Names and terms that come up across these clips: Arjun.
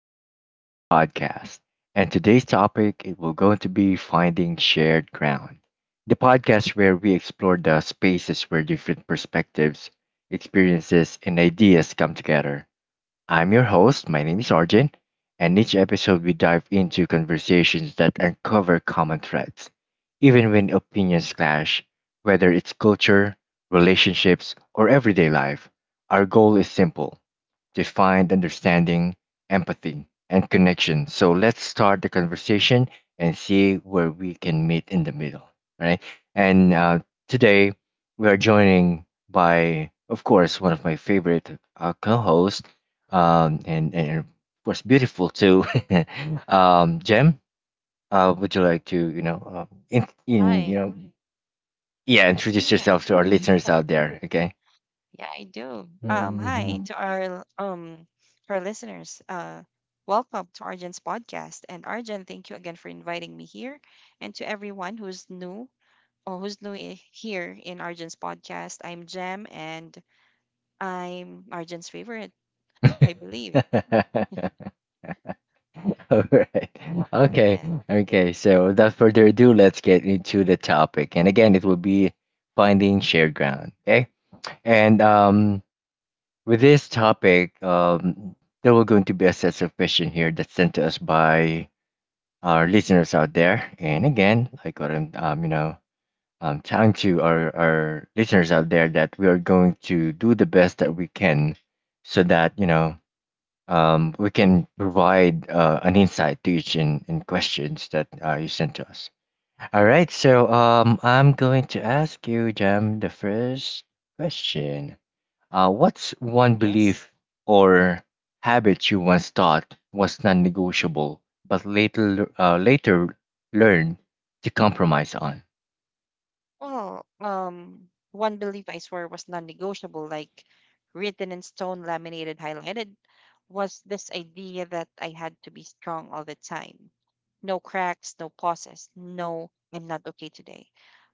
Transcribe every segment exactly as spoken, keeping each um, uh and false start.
welcome to our podcast. And today's topic it will going to be finding shared ground. The podcast where we explore the spaces where different perspectives, experiences, and ideas come together. I'm your host, my name is Arjun, and each episode we dive into conversations that uncover common threads, even when opinions clash, whether it's culture, relationships, or everyday life. Our goal is simple defined understanding, empathy, and connection. So let's start the conversation and see where we can meet in the middle. Right. And uh, today we are joining by, of course, one of my favorite uh, co hosts um, and, and, of course, beautiful too. um, Jem, uh, would you like to, you know, uh, in, in, you Hi. know, yeah, introduce Yeah. yourself to our listeners out there, okay? Yeah, I do. Um, hi Mhm. to our um our listeners. Uh, welcome to Arjun's podcast. And Arjun, thank you again for inviting me here. And to everyone who's new or who's new I- here in Arjun's podcast, I'm Jem, and I'm Arjun's favorite, I believe. All right. Okay. Yeah. Okay. So without further ado, let's get into the topic. And again, it will be finding shared ground. Okay. And um, with this topic, um, there were going to be a set of questions here that's sent to us by our listeners out there. And again, like what I'm, um, you know, um, telling to our, our listeners out there that we are going to do the best that we can so that, you know, um, we can provide uh, an insight to each in, in questions that uh, you sent to us. All right, so um, I'm going to ask you, Jam, the first question. Uh, what's one Yes. belief or habit you once thought was non-negotiable, but later uh, later learned to compromise on? Well, um, one belief I swear was non-negotiable, like written in stone, laminated, highlighted, was this idea that I had to be strong all the time. No cracks, no pauses, no, I'm not okay today.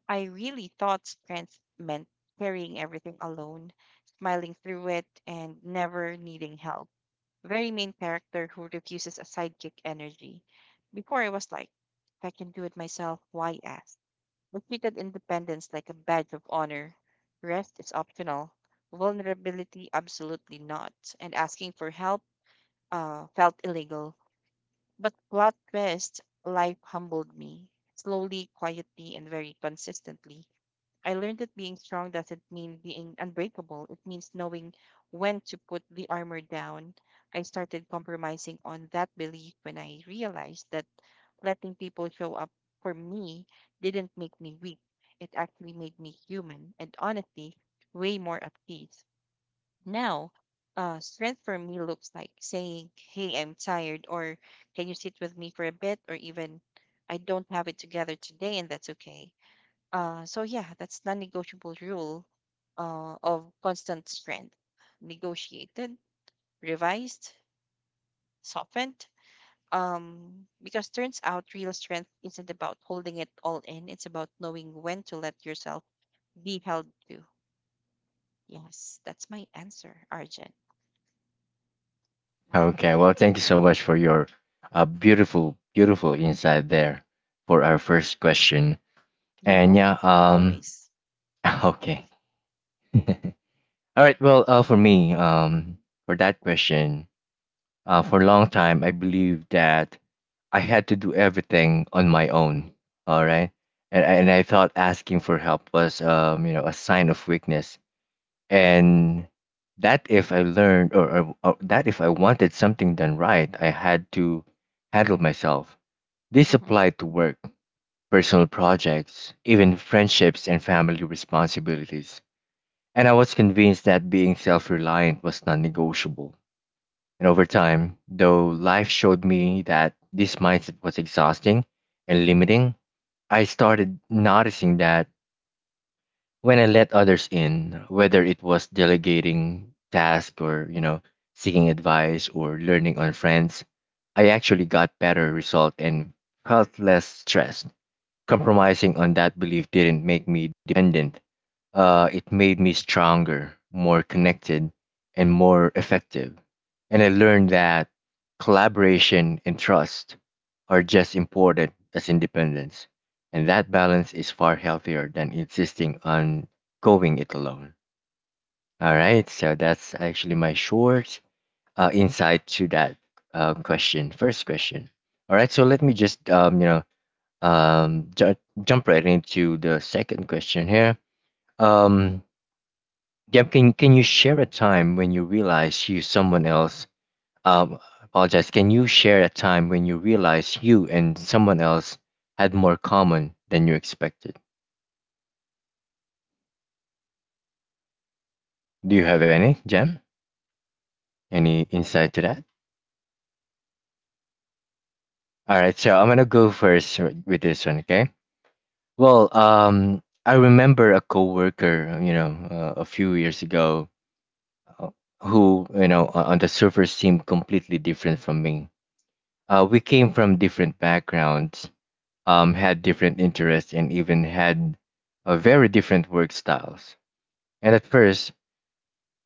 I really thought strength meant carrying everything alone, smiling through it, and never needing help. Very main character who refuses a sidekick energy. Before, I was like, if I can do it myself, why ask? We treated independence like a badge of honor. Rest is optional. Vulnerability, absolutely not. And asking for help uh, felt illegal. But plot twist, life humbled me. Slowly, quietly, and very consistently. I learned that being strong doesn't mean being unbreakable. It means knowing when to put the armor down. I started compromising on that belief when I realized that letting people show up for me didn't make me weak. It actually made me human, and honestly way more at peace. Now, uh, strength for me looks like saying, hey, I'm tired, or can you sit with me for a bit, or even, I don't have it together today, and that's okay. Uh, so, yeah, that's non negotiable rule uh, of constant strength negotiated, revised, softened, um, because turns out real strength isn't about holding it all in, it's about knowing when to let yourself be held to. Yes, that's my answer, Arjun. Okay, well, thank you so much for your uh, beautiful, beautiful insight there for our first question. You're And yeah, welcome. um, Always. Okay. All right. Well, uh, for me, um, for that question, uh, for a long time, I believed that I had to do everything on my own. All right, and and I thought asking for help was, um, you know, a sign of weakness, and that if I learned or, or, or that if I wanted something done right, I had to handle myself. This Mm-hmm. applied to work, personal projects, even friendships and family responsibilities. And I was convinced that being self reliant was non negotiable. And over time, though life showed me that this mindset was exhausting and limiting, I started noticing that when I let others in, whether it was delegating tasks or, you know, seeking advice or learning on friends, I actually got better result and felt less stressed. Compromising on that belief didn't make me dependent, uh, it made me stronger, more connected, and more effective. And I learned that collaboration and trust are just important as independence. And that balance is far healthier than insisting on going it alone. All right, so that's actually my short uh, insight to that uh, question, first question. All right, so let me just um, you know um, ju- jump right into the second question here. Um, Yep. Can can you share a time when you realize you someone else? Um, apologize. Can you share a time when you realize you and someone else had more common than you expected? Do you have any, Jem? Any insight to that? All right. So I'm gonna go first w- with this one. Okay. Well, um, I remember a coworker, you know, uh, a few years ago, uh, who you know o- on the surface seemed completely different from me. Uh, we came from different backgrounds um, had different interests and even had uh, very different work styles. And at first,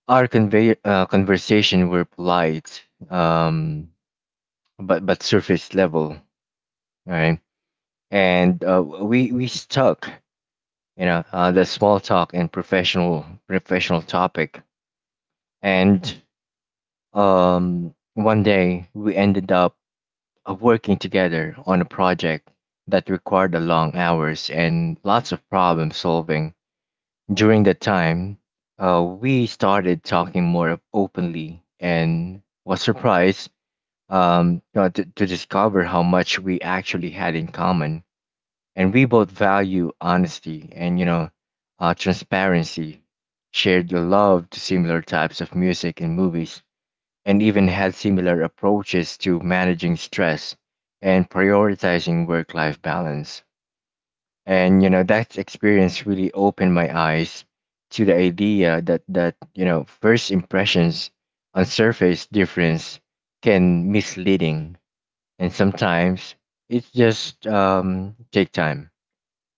our conve uh, conversation were polite, um, but but surface level, right? And uh, we we stuck, you know, uh, the small talk and professional professional topic. And um, one day we ended up uh, working together on a project that required a long hours and lots of problem solving. During that time, uh, we started talking more openly and was surprised, um, uh, to, to discover how much we actually had in common. And we both value honesty and, you know, uh, transparency, shared the love to similar types of music and movies, and even had similar approaches to managing stress and prioritizing work life balance, and you know that experience really opened my eyes to the idea that that you know first impressions on surface difference can misleading, and sometimes it just um, take time,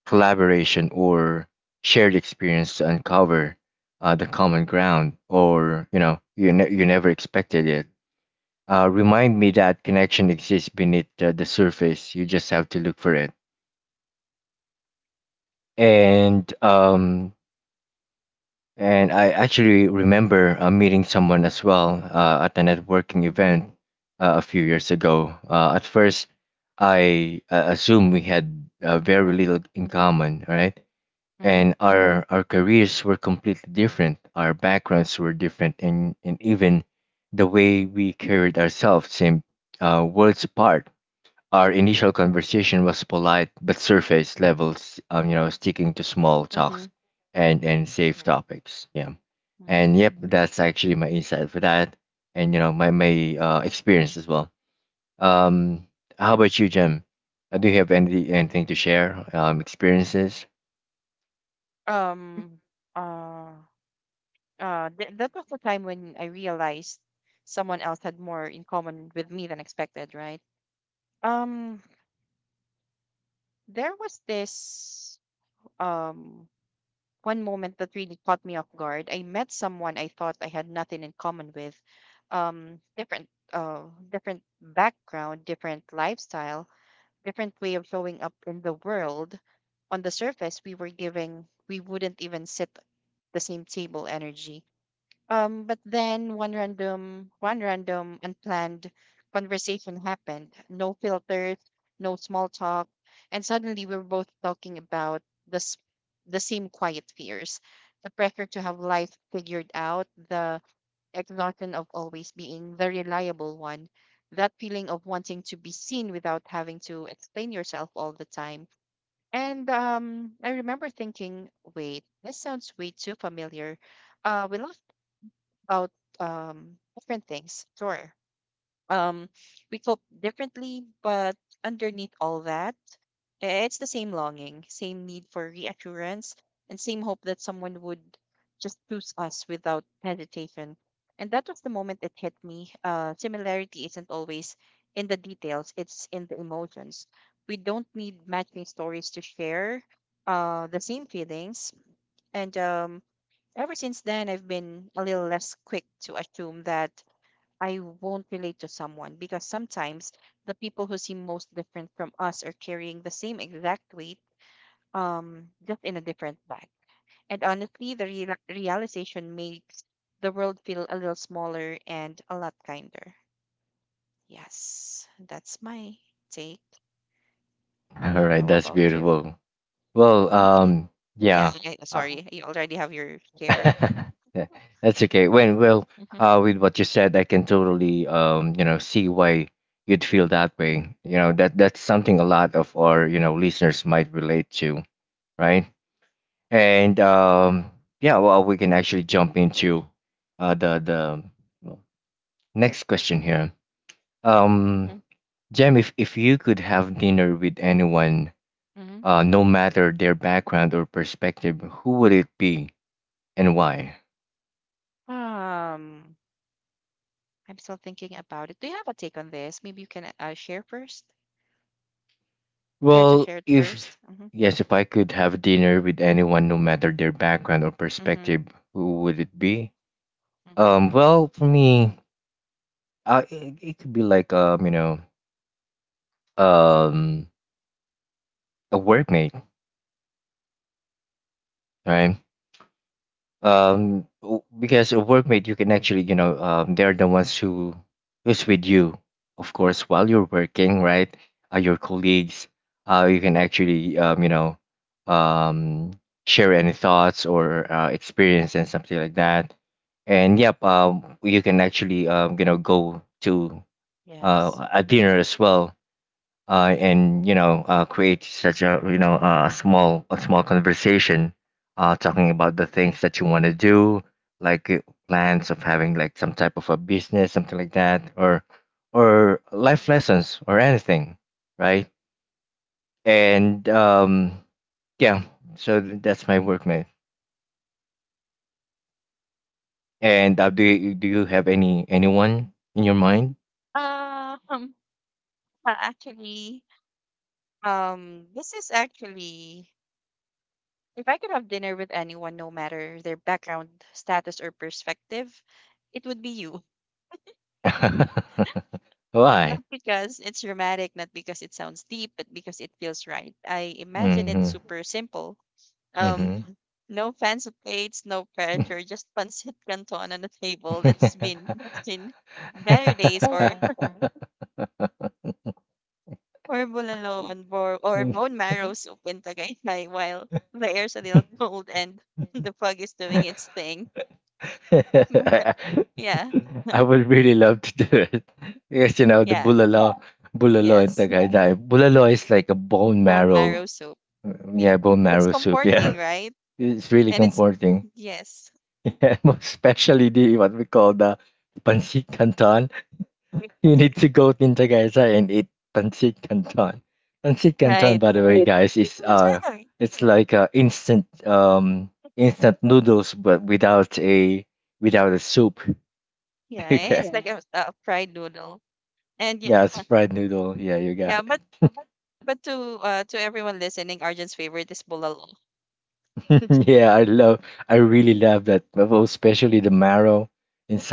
collaboration or shared experience to uncover uh, the common ground or you know you, ne- you never expected it. Uh, remind me that connection exists beneath uh, the surface, you just have to look for it. And um, and I actually remember uh, meeting someone as well uh, at a networking Mm-hmm. event uh, a few years ago. Uh, at first, I uh, assumed we had uh, very Right. little in common, right? Mm-hmm. And our our careers were completely different. Our backgrounds were different, and and even the way we carried ourselves seemed uh, worlds apart. Our initial conversation was polite but surface levels, um, you know, sticking to small Mm-hmm. talks and Right. and safe topics. Yeah, Mm-hmm. and yep, that's actually my insight for that, and you know, my my uh, experience as well. Um, how about you, Jem? Uh, Do you have any anything to share? Um, experiences. Um uh uh th- that was the time when I realized someone else had more in common with me than expected, right? Um there was this um one moment that really caught me off guard. I met someone I thought I had nothing in common with, um, different, uh, different background, different lifestyle, different way of showing up in the world. On the surface, we were giving, we wouldn't even sit the same table energy. Um, but then one random, one random unplanned conversation happened. No filters, no small talk, and suddenly we were both talking about the s- the same quiet fears, the pressure to have life figured out, the exhaustion of always being the reliable one, that feeling of wanting to be seen without having to explain yourself all the time. And um, I remember thinking, wait, this sounds way too familiar. Uh, we laughed about um different things. Sure. Um we cope differently, but underneath all that, eh, it's the same longing, same need for reassurance, and same hope that someone would just choose us without hesitation. And that was the moment it hit me. Uh similarity isn't always in the details, it's in the emotions. We don't need matching stories to share uh the same feelings. And um ever since then, I've been a little less quick to assume that I won't relate to someone, because sometimes the people who seem most different from us are carrying the same exact weight, um, just in a different bag. And honestly, the real realization makes the world feel a little smaller and a lot kinder. Yes, that's my take. All right, How that's about you? beautiful. Well, Hmm. Yep. um, Yeah, yeah. I- I- Uh, sorry, you already have your share. yeah, that's okay. When well, Mm-hmm, uh, with what you said, I can totally um, you know, see why you'd feel that mm-hmm, way. You know, that that's something a lot of our, you know, listeners might relate to, right? And um, yeah, well, we can actually jump into uh the the next question here. Um, mm-hmm, Jem, if if you could have dinner with anyone, mm-hmm. uh, no matter their background or perspective, who would it be and why? Um, I'm still thinking about it. Do you have a take on this? Maybe you can uh, share first. Care to Well, share it first? if Mm-hmm. yes, if I could have dinner with anyone, no matter their background or Mm-hmm. perspective, who would it be? Mm-hmm. Um, well, for me, uh, it, it could be like um, you know, um, a workmate, right? um w- because a workmate you can actually you know um they're the ones who who's with you, of course, while you're working, right? Uh, your colleagues, uh you can actually um you know um share any thoughts or uh, experience and something like that. And yep, um you can actually um you know go to Yes. uh, a dinner as well, uh, and you know uh, create such a you know uh, a small a small conversation, uh, talking about the things that you want to do, like uh, plans of having like some type of a business, something like that, or or life lessons or anything, right? and um yeah so th- that's my workmate. And uh, do you do you have any anyone in your mind? Um. uh, Actually, um, this is actually, if I could have dinner with anyone, no matter their background, status, or perspective, it would be you. Why? Not because it's dramatic, not because it sounds deep, but because it feels right. I imagine it's Mm-hmm. super simple. Um, No fancy plates, no pressure, just pancit canton on the table. It's been that's been better days, or Mm-hmm. or bulalo on bo- or bone marrow soup in Tagaytay, while the air's a little cold and the fog is doing its thing. Yeah, I would really love to do it. Yes, you know the yeah, bulalo, bulalo in yes. Tagaytay. Bulalo is like a bone Bone marrow, marrow soup. uh, Yep. yeah, bone It's marrow soup. comforting, Yeah, right? it's really And it's comforting. yes. Yeah, most especially the what we call the pancit canton. You need to go in Tagaytay and eat pancit canton. Pancit canton, Right. by the way, guys, is uh, it's like uh, instant um instant noodles, but without a without a soup. Yeah, it's Okay. like a, a fried noodle. And yeah, Yeah, it's fried noodle. Yeah, you got yeah, it. but But to uh to everyone listening, Arjun's favorite is bulalo. Yeah, I love, I really love that. Oh, especially the marrow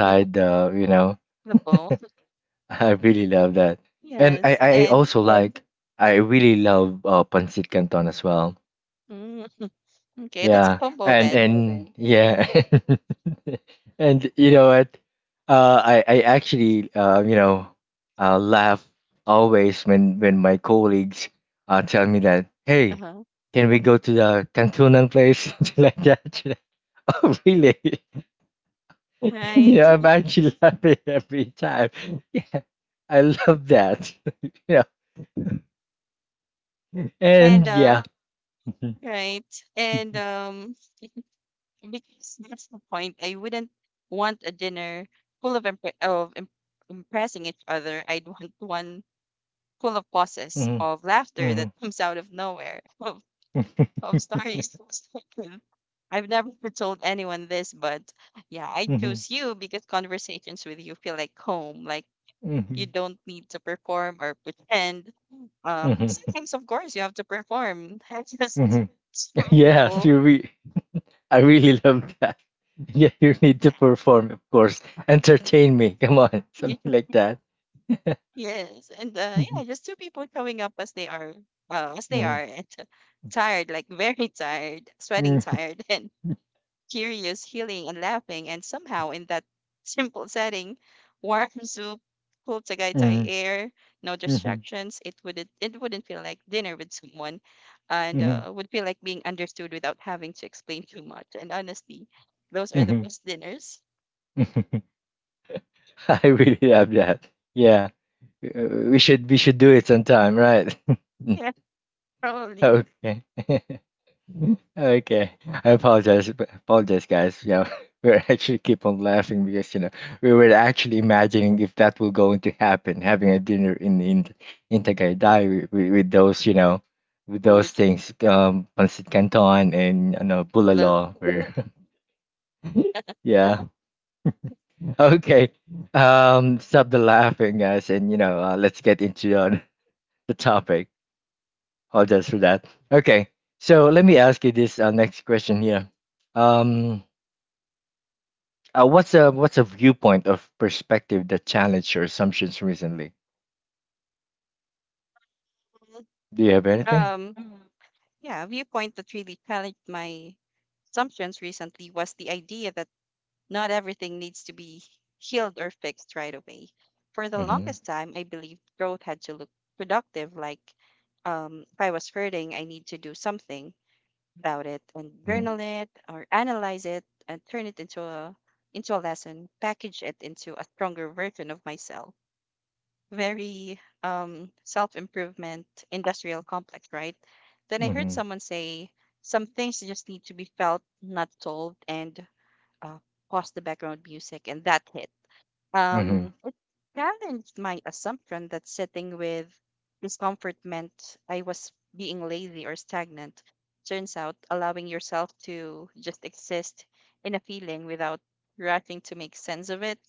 Yeah, the, you know, the bowl. I really love that. And I, Yes, I and also right, like, I really love uh, pancit canton as well. mm, okay, that's a Yeah, combo and then. and yeah, and you know what? Uh, I I actually uh, you know uh, laugh always when when my colleagues uh, tell me that, hey, Uh-huh. can we go to the Cantunan place? Something like that? Oh, really? You Right. know, I'm actually laughing every time. Yeah, I love that. You know, And and uh yeah. right. And um because that's the point. I wouldn't want a dinner full of impre- of im- impressing each other. I'd want one full of pauses, Mhm, of laughter that mhm, comes out of nowhere, of mhm, love stories. I've never told anyone this, but yeah, I mhm, chose you because conversations with you feel like home. Like, you mhm, don't need to perform or pretend. Um, sometimes, of course, you have to perform. I just hmm. two Yes, people. you re- I really love that. Yeah, you need to perform, of course. Entertain me. Come on, Ye- something like that. Yes, and uh, Mhm, yeah, just two people showing up as they are, uh, as they mhm, are, and tired, like very tired, sweating, mhm, tired, and curious, healing, and laughing. And somehow, in that simple setting, warm soup, cool Tagaytay mhm, air, no mhm, distractions, it wouldn't it wouldn't feel like dinner with someone, and mhm, uh, would feel like being understood without having to explain too much. And honestly, those are the mhm, best dinners. mhm. I really love that. Yeah, uh, we should we should do it sometime, right? Yeah, probably Okay. Okay, I apologize, b- apologize, guys. Yeah, we're actually keep on laughing because you know we were actually imagining if that will going to happen, having a dinner in in in Tagaytay with, with, with those you know with those food, things, um, pancit canton and you know food alone. bulalo. Where, yeah, okay. Um, stop the laughing, guys, and you know uh, let's get into uh, the topic. Apologize for that. Okay, so let me ask you this uh, next question here. Um. Uh, what's a what's a viewpoint of perspective that challenged your assumptions recently? Do you have anything? Um, yeah, a viewpoint that really challenged my assumptions recently was the idea that not everything needs to be healed or fixed right away. For the Mm-hmm. longest time, I believed growth had to look productive, like, um, if I was hurting, I need to do something about it and Mm-hmm. journal it or analyze it and turn it into a into a lesson, package it into a stronger version of myself. Very um, self improvement industrial complex, right? Then I heard Mm-hmm. someone say, some things just need to be felt, not told, and uh, pause the background music, and that hit. Mm-hmm. Um, it challenged my assumption that sitting with discomfort meant I was being lazy or stagnant. Turns out, allowing yourself to just exist in a feeling without rushing to make sense of it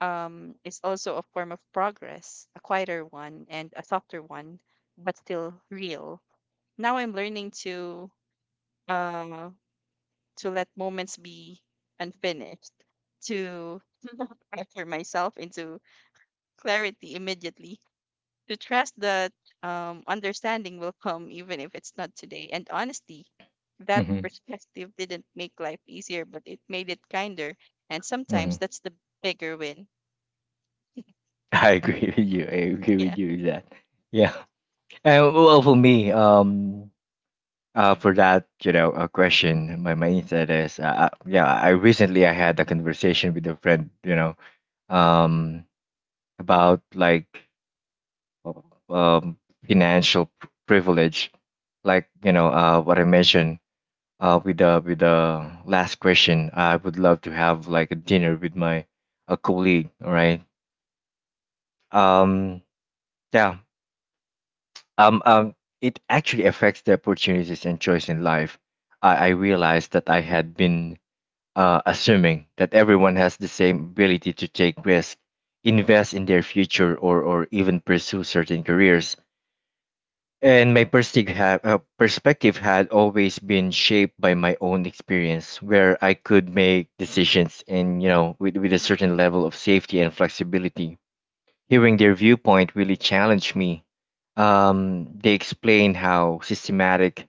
um, is also a form of progress, a quieter one and a softer one, but still real. Now I'm learning to uh, to let moments be unfinished, to pressure myself into clarity immediately, to trust that um, understanding will come even if it's not today. And honestly, that Mm-hmm. perspective didn't make life easier, but it made it kinder. And sometimes Mm-hmm. that's the bigger win. I agree with you. I agree with Yeah. you with that. Yeah. And well, for me, um, uh, for that, you know, a question. My my insight is, uh, uh, yeah, I recently I had a conversation with a friend, you know, um, about like, um, financial privilege, like you know, uh, what I mentioned uh, with the with the last question. I would love to have like a dinner with my a colleague. All right. Um. Yeah. Um. Um. It actually affects the opportunities and choice in life. I I realized that I had been uh, assuming that everyone has the same ability to take risks, invest in their future, or or even pursue certain careers. And my perstig- ha- uh, perspective had always been shaped by my own experience, where I could make decisions, and you know with, with a certain level of safety and flexibility. Hearing their viewpoint really challenged me. Um, they explained how systematic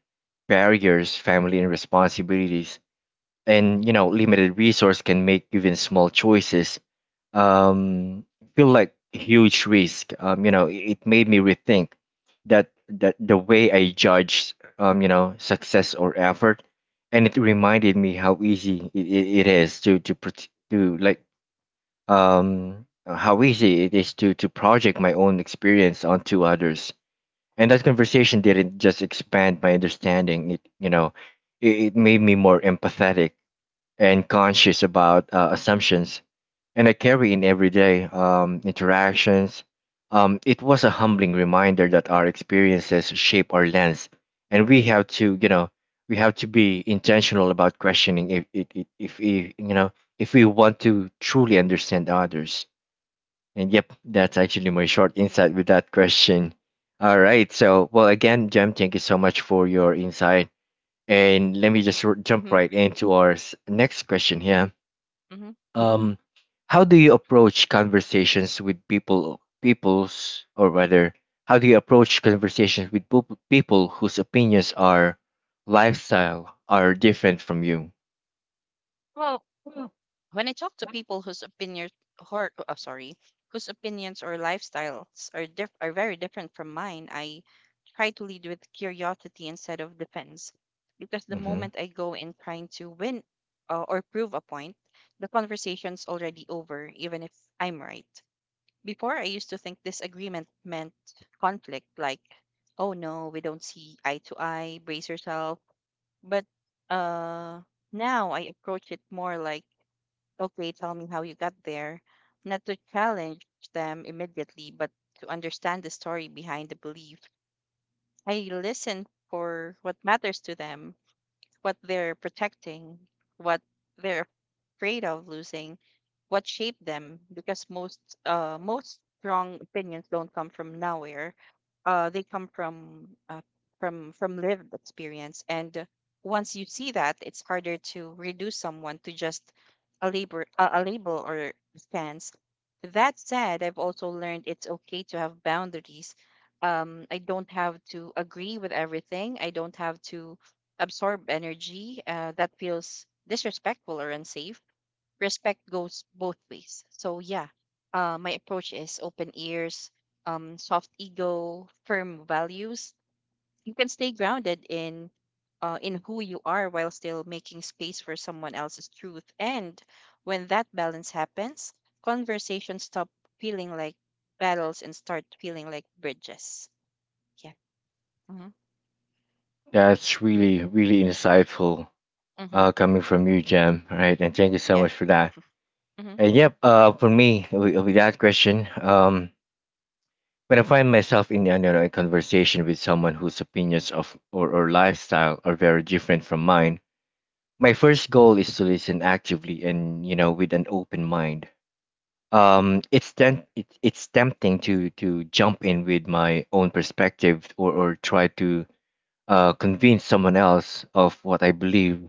barriers, family and responsibilities, and you know limited resource can make even small choices um feel like huge risk. Um you know it it made me rethink that that the way I judge, um you know success or effort. And it reminded me how easy it, it, it is to to pro- to like um uh, how easy it is to to project my own experience onto others. And that conversation didn't just expand my understanding, it you know it, it made me more empathetic and conscious about uh, assumptions and I carry in everyday um, interactions. Um, it was a humbling reminder that our experiences shape our lens, and we have to, you know, we have to be intentional about questioning if if, if, if we, you know, if we want to truly understand others. And yep, that's actually my short insight with that question. All right, so well again, Jem, thank you so much for your insight, and let me just r- jump Mm-hmm. right into our s- next question here. Mm-hmm. Um, how do you approach conversations with people, people's, or rather, how do you approach conversations with poop- people whose opinions are lifestyle are different from you? Well, when I talk to people whose opinions, or, oh, sorry, whose opinions or lifestyles are diff- are very different from mine, I try to lead with curiosity instead of defense. Because the Hmm. moment I go in trying to win uh, or prove a point, the conversation's already over, even if I'm right. Before, I used to think disagreement meant conflict, like, oh no, we don't see eye to eye, brace yourself. But uh, now I approach it more like, okay, tell me how you got there. Not to challenge them immediately, but to understand the story behind the belief. I listen for what matters to them, what they're protecting, what they're afraid of losing, what shaped them. Because most uh, most strong opinions don't come from nowhere. Uh, they come from uh, from from lived experience, and uh, once you see that, it's harder to reduce someone to just a label, a, a label or stance. That said, I've also learned it's okay to have boundaries. um, I don't have to agree with everything. I don't have to absorb energy uh, that feels disrespectful or unsafe. Respect goes both ways. So, yeah, uh, my approach is open ears, um, soft ego, firm values. You can stay grounded in uh, in who you are while still making space for someone else's truth. And when that balance happens, conversations stop feeling like battles and start feeling like bridges. Yeah. Mm-hmm. That's really, really insightful Mm-hmm. uh, coming from you, Jam. All right, and thank you so Yeah. much for that. Mm-hmm. And yep, uh, for me, with, with that question, um, when I find myself in, you know, a conversation with someone whose opinions of, or or lifestyle are very different from mine, my first goal is to listen actively and you know with an open mind. Um it's then it, it's tempting to to jump in with my own perspective or or try to uh convince someone else of what I believe,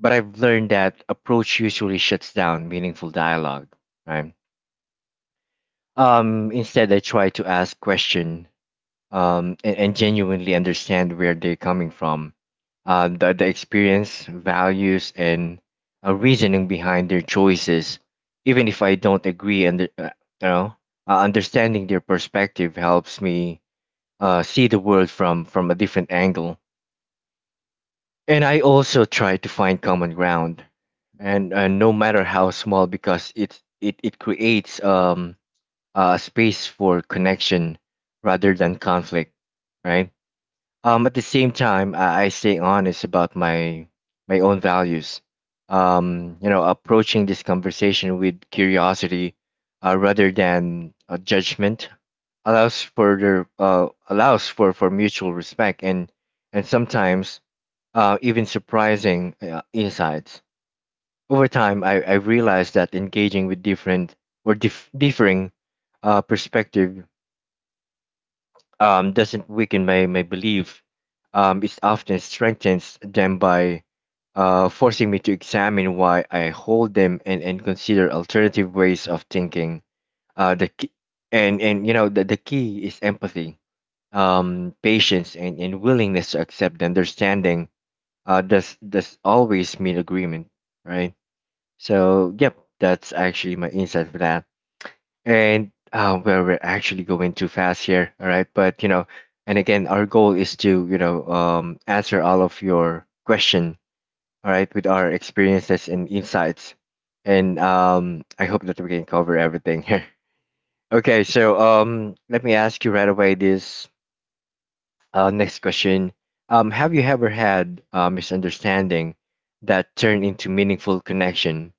but I've learned that approach usually shuts down meaningful dialogue, right? Um instead, I try to ask question, um, and, and genuinely understand where they're coming from, uh, the, the experience, values, and uh, reasoning behind their choices, even if I don't agree. And uh, you know, uh, understanding their perspective helps me uh, see the world from from a different angle. And I also try to find common ground, and uh, no matter how small, because it it it creates um a space for connection rather than conflict, right? Um, at the same time, I, I stay honest about my my own values. Um, you know, approaching this conversation with curiosity uh, rather than uh, judgment allows for the uh, allows for, for mutual respect and and sometimes uh, even surprising uh, insights. Over time, I, I realized that engaging with different or dif- differing uh, perspective, um, doesn't weaken my, my belief. Um, it often strengthens them by uh, forcing me to examine why I hold them and, and consider alternative ways of thinking. Uh, the key, and, and you know the, the key is empathy, um, patience, and, and willingness to accept understanding. Uh, does does always mean agreement, right? So yep, that's actually my insight for that. And uh, well, we're actually going too fast here, all right? But you know, and again, our goal is to, you know, um, answer all of your question, all right, with our experiences and insights, and um, I hope that we can cover everything here. Okay, so um, let me ask you right away this uh, next question: um, have you ever had a misunderstanding that turned into meaningful connection,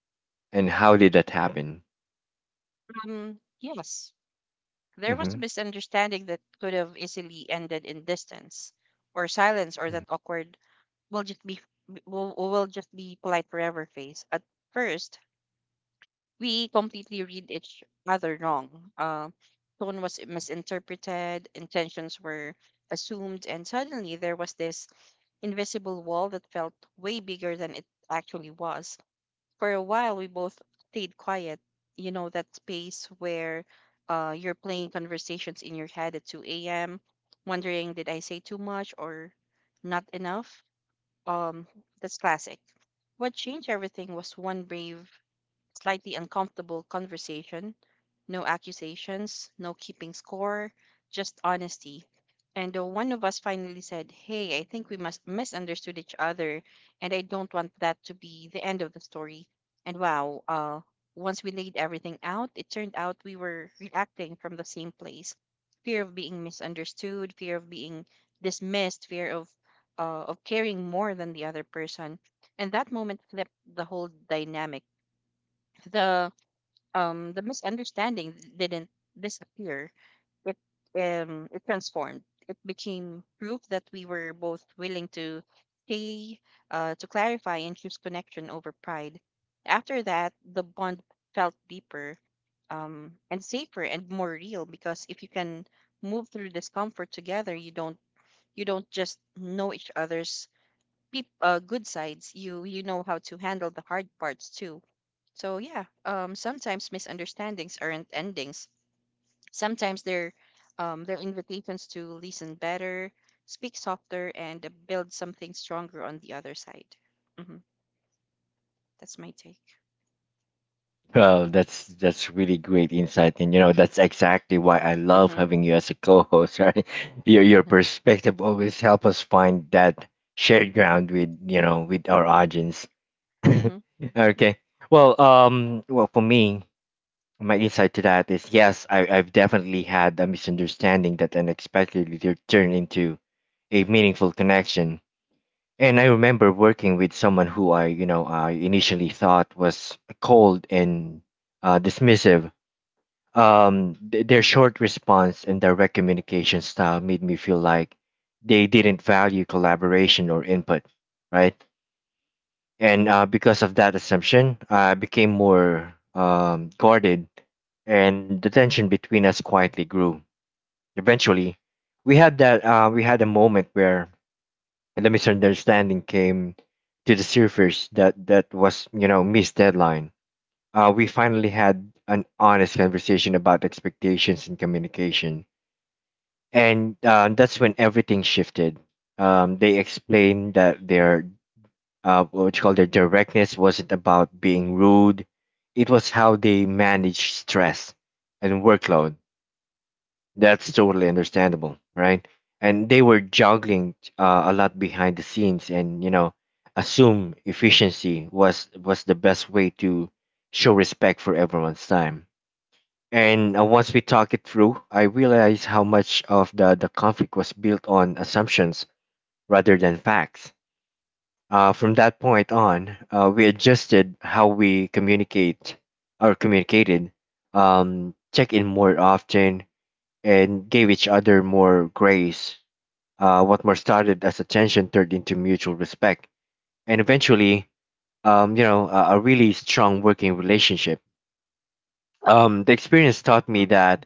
and how did that happen? Um. Yes. There was Mm-hmm. a misunderstanding that could have easily ended in distance or silence, or Mm-hmm. that awkward, we'll just be we'll, we'll just be polite forever face. At first, we completely read each other wrong. Uh, tone was misinterpreted, intentions were assumed, and suddenly there was this invisible wall that felt way bigger than it actually was. For a while we both stayed quiet. You know, that space where uh, you're playing conversations in your head at two a m, wondering, did I say too much or not enough? um that's classic. What changed everything was one brave, slightly uncomfortable conversation. No accusations, no keeping score, just honesty. And uh, one of us finally said, hey, I think we must misunderstood each other, and I don't want that to be the end of the story. And wow, uh, once we laid everything out, it turned out we were reacting from the same place: fear of being misunderstood, fear of being dismissed, fear of uh, of caring more than the other person. And that moment flipped the whole dynamic. The um the misunderstanding didn't disappear, it um it transformed. It became proof that we were both willing to stay, uh to clarify and choose connection over pride. After that, the bond felt deeper, um and safer and more real, because if you can move through discomfort together, you don't you don't just know each other's peop- uh, good sides, you you know how to handle the hard parts too. So yeah, um, sometimes misunderstandings aren't endings. Sometimes they're um, they're invitations to listen better, speak softer, and uh, build something stronger on the other side. Hmm. That's my take. Well, that's that's really great insight, and you know that's exactly why I love Mm-hmm. having you as a co-host. Right, your your Mm-hmm. perspective always help us find that shared ground with, you know, with our audience. Mm-hmm. Okay, well, um, well for me, my insight to that is yes, I I've definitely had a misunderstanding that unexpectedly tur- turned into a meaningful connection. And I remember working with someone who, I, you know, I initially thought was cold and uh, dismissive. Um, th- their short response and direct communication style made me feel like they didn't value collaboration or input, right? And uh, because of that assumption, I became more um, guarded, and the tension between us quietly grew. Eventually, we had that uh, we had a moment where and the misunderstanding came to the surface. That that was, you know, missed deadline. Uh, we finally had an honest conversation about expectations and communication, and uh, that's when everything shifted. Um, they explained that their uh, what you call their directness wasn't about being rude, it was how they managed stress and workload. That's totally understandable, right? And they were juggling uh, a lot behind the scenes, and you know, assume efficiency was was the best way to show respect for everyone's time. And uh, once we talked it through, I realized how much of the the conflict was built on assumptions rather than facts. Uh, from that point on, uh, we adjusted how we communicate, or communicated, um, check in more often, and gave each other more grace. Uh, what more started as attention turned into mutual respect, and eventually, um, you know, a, a really strong working relationship. Um, the experience taught me that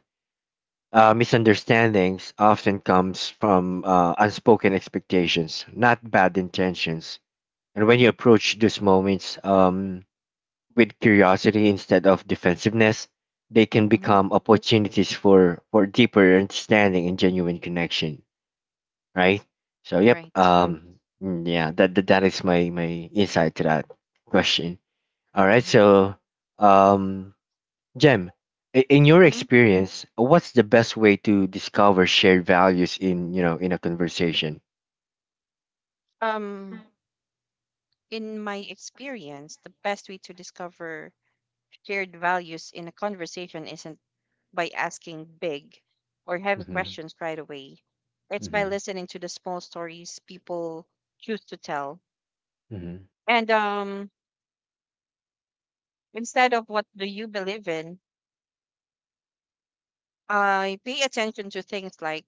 uh, misunderstandings often comes from uh, unspoken expectations, not bad intentions. And when you Mm-hmm. approach these moments, um, with curiosity instead of defensiveness, they can Mm-hmm. become opportunities for, for deeper understanding and genuine connection, right? So yep, Right. um, mm, yeah, that that, that is my my insight to that question. All right, Mm-hmm. so um, Jem, i- in your Mm-hmm. experience, what's the best way to discover shared values in, you know, in a conversation? Um, in my experience, the best way to discover shared values in a conversation isn't by asking big or heavy Hmm. questions right away. It's by Hmm. listening to the small stories people choose to tell. Hmm. And um, instead of what do you believe in, I pay attention to things like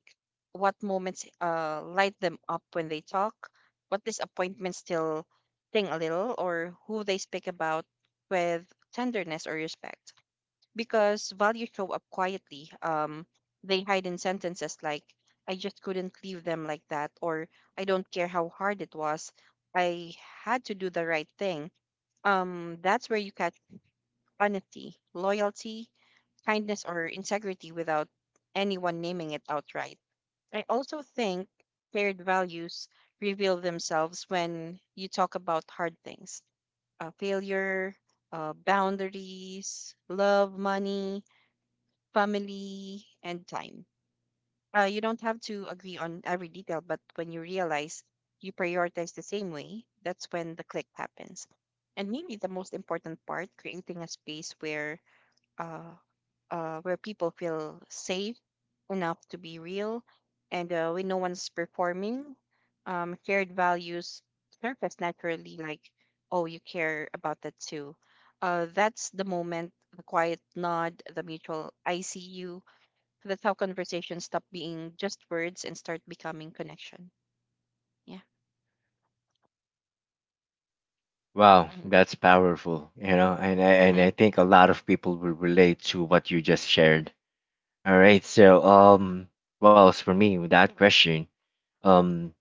what moments uh, light them up when they talk, what disappointments still sting a little, or who they speak about with tenderness or respect. Because values show up quietly. Um, they hide in sentences like, I just couldn't leave them like that, or I don't care how hard it was. I had to do the right thing. Um, that's where you catch honesty, loyalty, kindness, or integrity without anyone naming it outright. I also think shared values reveal themselves when you talk about hard things: uh, failure, uh, boundaries, love, money, family, and time. Uh, you don't have to agree on every detail, but when you realize you prioritize the same way, that's when the click happens. And maybe the most important part: creating a space where uh, uh, where people feel safe enough to be real, and uh, when no one's performing, um, shared values surface naturally. Like, oh, you care about that too. Uh, that's the moment, the quiet nod, the mutual "I see you." So that's how conversations stop being just words and start becoming connection. Yeah. Wow, Mm-hmm. that's powerful, you know, and I and Mm-hmm. I think a lot of people will relate to what you just shared. All right, so um, well, as for me, with that question, um,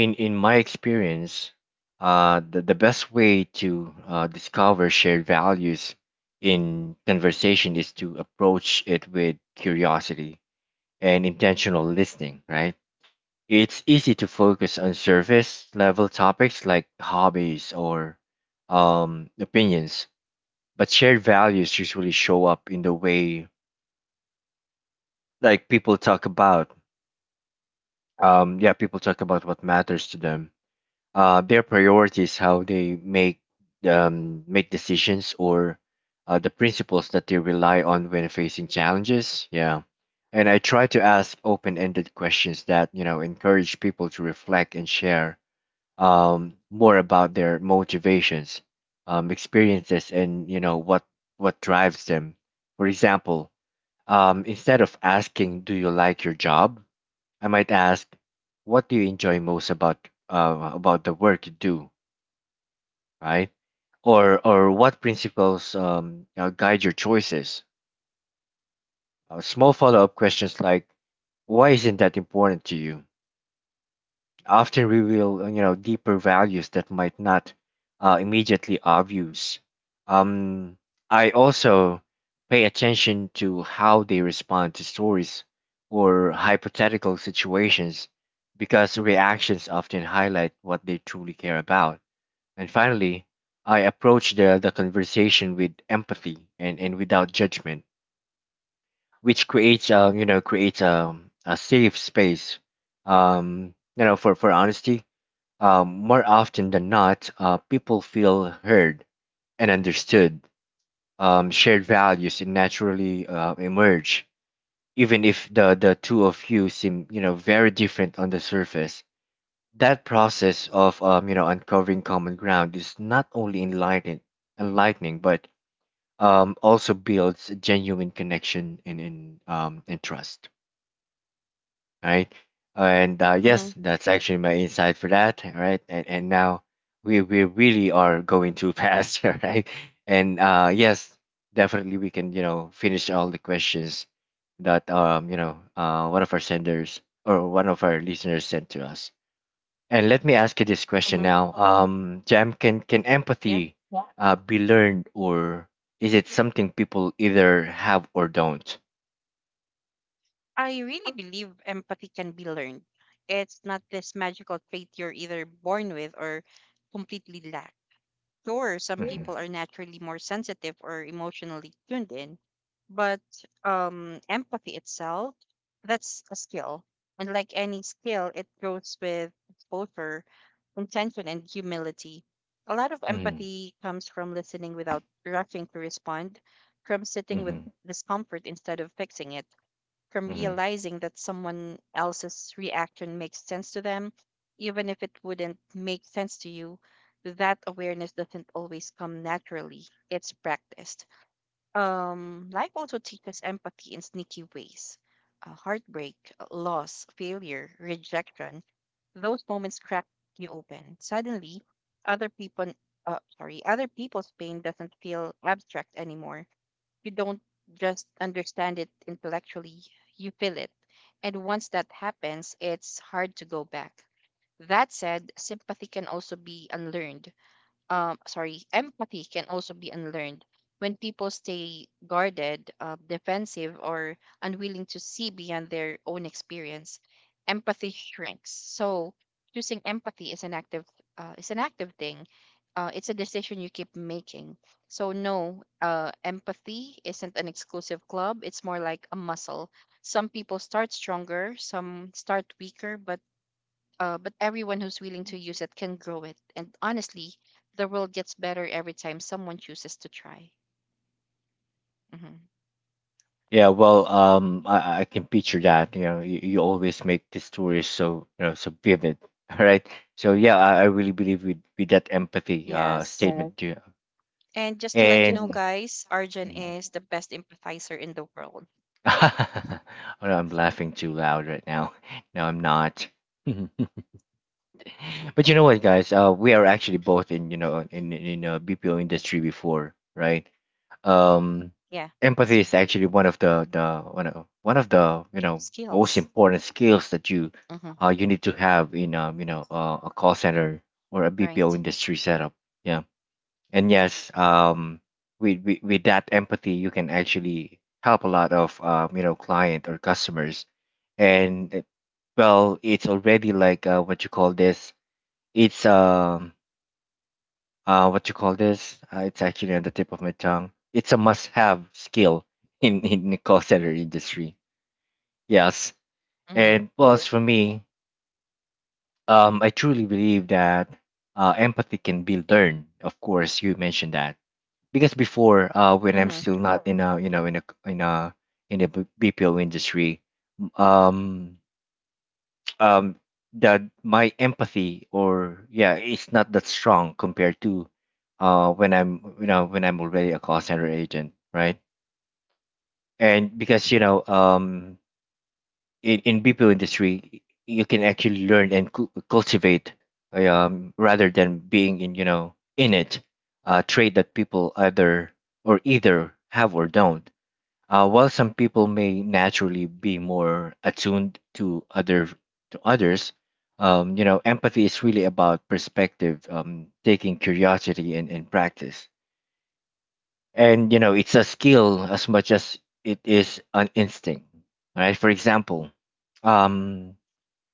in in my experience, uh the, the best way to uh, discover shared values in conversation is to approach it with curiosity and intentional listening, right? It's easy to focus on surface level topics like hobbies or um opinions, but shared values usually show up in the way like people talk about, um yeah people talk about what matters to them, uh, their priorities, how they make um, make decisions, or uh, the principles that they rely on when facing challenges. Yeah, and I try to ask open-ended questions that you know encourage people to reflect and share um, more about their motivations, um, experiences, and you know what what drives them. For example, um, instead of asking, "Do you like your job?" I might ask, "What do you enjoy most about uh, about the work you do?" Right? Or or what principles um, uh, guide your choices? Uh, small follow-up questions like, why isn't that important to you? Often reveal uh, you know deeper values that might not uh, immediately obvious. Um, I also pay attention to how they respond to stories or hypothetical situations, because reactions often highlight what they truly care about. And finally, I approach the, the conversation with empathy and, and without judgment, which creates, um, you know, creates a, a safe space, um, you know, for, for honesty. Um, more often than not, uh, people feel heard and understood. Um, shared values naturally uh, emerge, even if the, the two of you seem you know very different on the surface. That process of, um, you know, uncovering common ground is not only enlightening, enlightening, but um, also builds a genuine connection and in um, and trust, right? And uh, Mm-hmm. yes, that's actually my insight for that, right? And and now we we really are going too fast, right? And uh, yes, definitely we can you know finish all the questions that um you know uh one of our senders or one of our listeners sent to us. And let me ask you this Mm-hmm. question now. Um, Jam, can can Yeah. empathy uh, be learned, or is it something people either have or don't? I really believe empathy can be learned. It's not this magical trait you're either born with or completely lack. Sure, some people Hmm. are naturally more sensitive or emotionally tuned in, but um, empathy itself, that's a skill. And like any skill, it goes with exposure, intention, and humility. A lot of Hmm. empathy comes from listening without rushing to respond, from sitting with Hmm. discomfort instead of fixing it, from Hmm. realizing that someone else's reaction makes sense to them, even if it wouldn't make sense to you. That awareness doesn't always come naturally. It's practiced. Um, life also teaches empathy in sneaky ways. Uh, heartbreak, loss, failure, rejection. Those moments crack you open. Suddenly, other people, uh, sorry, other people's pain doesn't feel abstract anymore. You don't just understand it intellectually, you feel it. And once that happens, it's hard to go back. That said, sympathy can also be unlearned um sorry empathy can also be unlearned. When people stay guarded, uh, defensive, or unwilling to see beyond their own experience, empathy shrinks. So choosing empathy is an active uh, is an active thing, uh, it's a decision you keep making. So no, uh, empathy isn't an exclusive club. It's more like a muscle. Some people start stronger, some start weaker, but uh, but everyone who's willing to use it can grow it. And honestly, the world gets better every time someone chooses to try. Hmm. Yeah. Well, um, I, I can picture that. You know, you, you always make the stories so you know so vivid. All right. So yeah, I, I really believe with with that empathy uh Yes. Yes. statement. Yeah. And just to let you know, And. guys, Arjun Mhm. is the best empathizer in the world. oh, no, I'm laughing too loud right now. No, I'm not. But you know what, guys? Uh, we are actually both in you know in in a B P O industry before, right? Um, Yeah, that's Empathy is right. actually one of the the one of, one of the you know most Skills. important skills that you Hmm. uh you need to have in um you know uh, a call center or a B P O Right. industry setup. Yeah, and yes, um, with with, with that empathy, you can actually help a lot of um you know client or customers, and uh, well, it's already like uh, what you call this it's um uh what you call this? Uh, it's actually on the tip of my tongue. It's a must-have skill in in the call center industry. Yes, Mm-hmm. and plus for me, um, I truly believe that uh, empathy can be learned. Of course, you mentioned that because before, uh, when Mm-hmm. I'm still not in a you know in a in a in a B- BPO industry, um, um that my empathy or yeah it's not that strong compared to uh when I'm you know when I'm already a call center agent, right? And because you know um in, in BPO industry you can actually learn and cu- cultivate um rather than being in you know in it uh trait that people either or either have or don't. Uh, while some people may naturally be more attuned to other to others, um, you know, empathy is really about perspective, um, taking curiosity and, and practice. And you know, it's a skill as much as it is an instinct. Right? For example, um,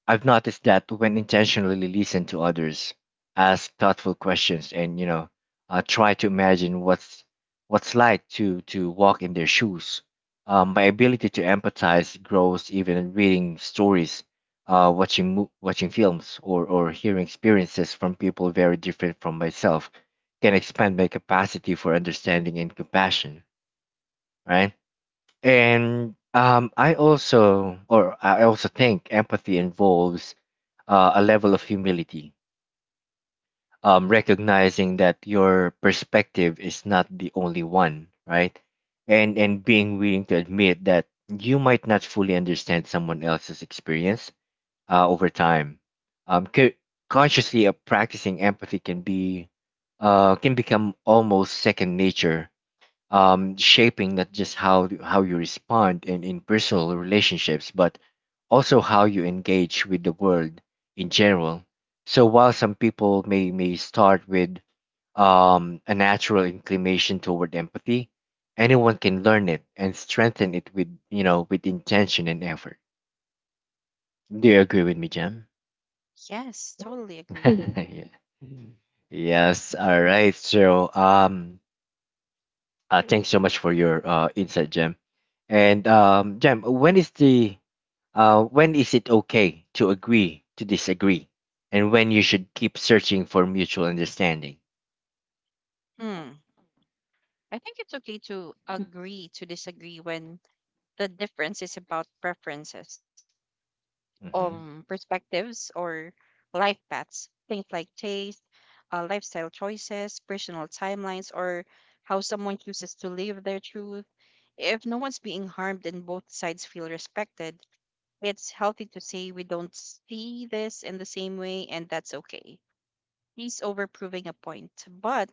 I've noticed that when intentionally listen to others, ask thoughtful questions, and you know, uh, try to imagine what's what's like to to walk in their shoes. Um, my ability to empathize grows even reading stories, uh, watching mo- watching films, or or hearing experiences from people very different from myself can expand my capacity for understanding and compassion. Right, and um, I also, or I also think empathy involves uh, a level of humility, um, recognizing that your perspective is not the only one, right? And and being willing to admit that you might not fully understand someone else's experience uh, over time. Um, c- Consciously uh, practicing empathy can be uh, can become almost second nature, um, shaping not just how how you respond in, in personal relationships, but also how you engage with the world in general. So while some people may may start with um, a natural inclination toward empathy, anyone can learn it and strengthen it with you know with intention and effort. Do you agree with me, Jam? Yes, totally agree. Yeah. Yes. Mhm. All right. So um, Uh, thanks so much for your uh, insight, Jem. And um, Jem, when is the uh, when is it okay to agree to disagree, and when you should keep searching for mutual understanding? Hmm. I think it's okay to agree to disagree when the difference is about preferences, um hmm perspectives, or life paths, things like taste, uh, lifestyle choices, personal timelines, or how someone chooses to live their truth. If no one's being harmed and both sides feel respected, it's healthy to say we don't see this in the same way, and that's okay. He's over proving a point, but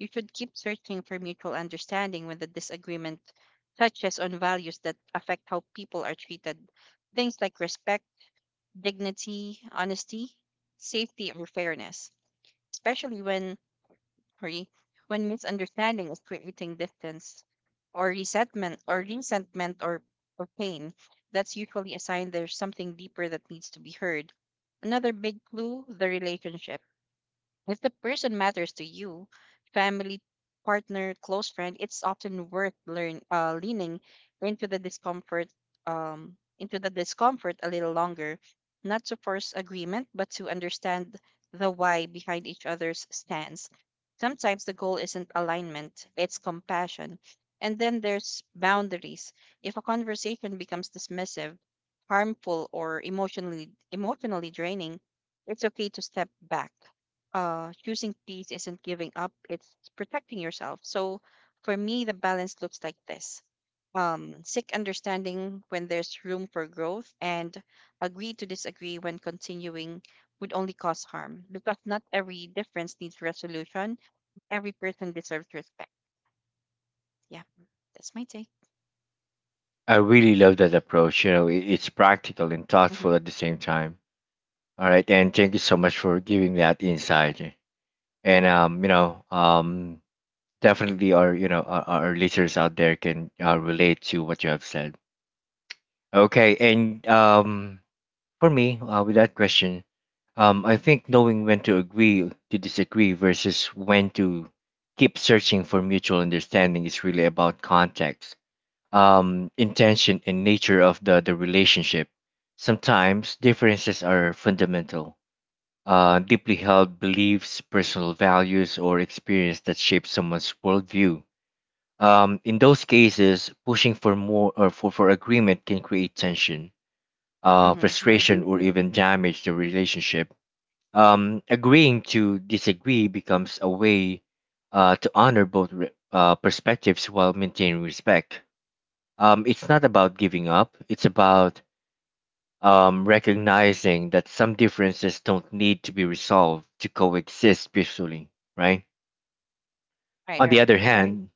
you should keep searching for mutual understanding when the disagreement touches on values that affect how people are treated. Things like respect, dignity, honesty, safety, or fairness, especially when, sorry, when misunderstanding is creating distance, or resentment or resentment, or, or pain. That's usually a sign there's something deeper that needs to be heard. Another big clue, the relationship. If the person matters to you, family, partner, close friend, it's often worth learn uh, leaning into the discomfort um into the discomfort a little longer, not to force agreement, but to understand the why behind each other's stance. Sometimes the goal isn't alignment, it's compassion. And then there's boundaries. If a conversation becomes dismissive, harmful, or emotionally emotionally draining, it's okay to step back. Uh, choosing peace isn't giving up, it's protecting yourself. So for me, the balance looks like this: um, seek understanding when there's room for growth, and agree to disagree when continuing would only cause harm, because not every difference needs resolution. Every person deserves respect. Yeah, that's my take. I really love that approach. You know, it, it's practical and Mm-hmm. thoughtful at the same time. All right, and thank you so much for giving that insight. And um, you know, um, definitely our you know our, our listeners out there can uh, relate to what you have said. Okay, and um, for me, uh, with that question, um, I think knowing when to agree to disagree versus when to keep searching for mutual understanding is really about context, um, intention, and nature of the, the relationship. Sometimes differences are fundamental, uh, deeply held beliefs, personal values, or experience that shape someone's worldview. Um, in those cases, pushing for more or for, for agreement can create tension, uh, Mm-hmm. Right. frustration, or even damage the relationship. Um, agreeing to disagree becomes a way uh, to honor both re- uh, perspectives while maintaining respect. Um, it's not about giving up, it's about um, recognizing that some differences don't need to be resolved to coexist peacefully, right? Right. On the Right. other hand,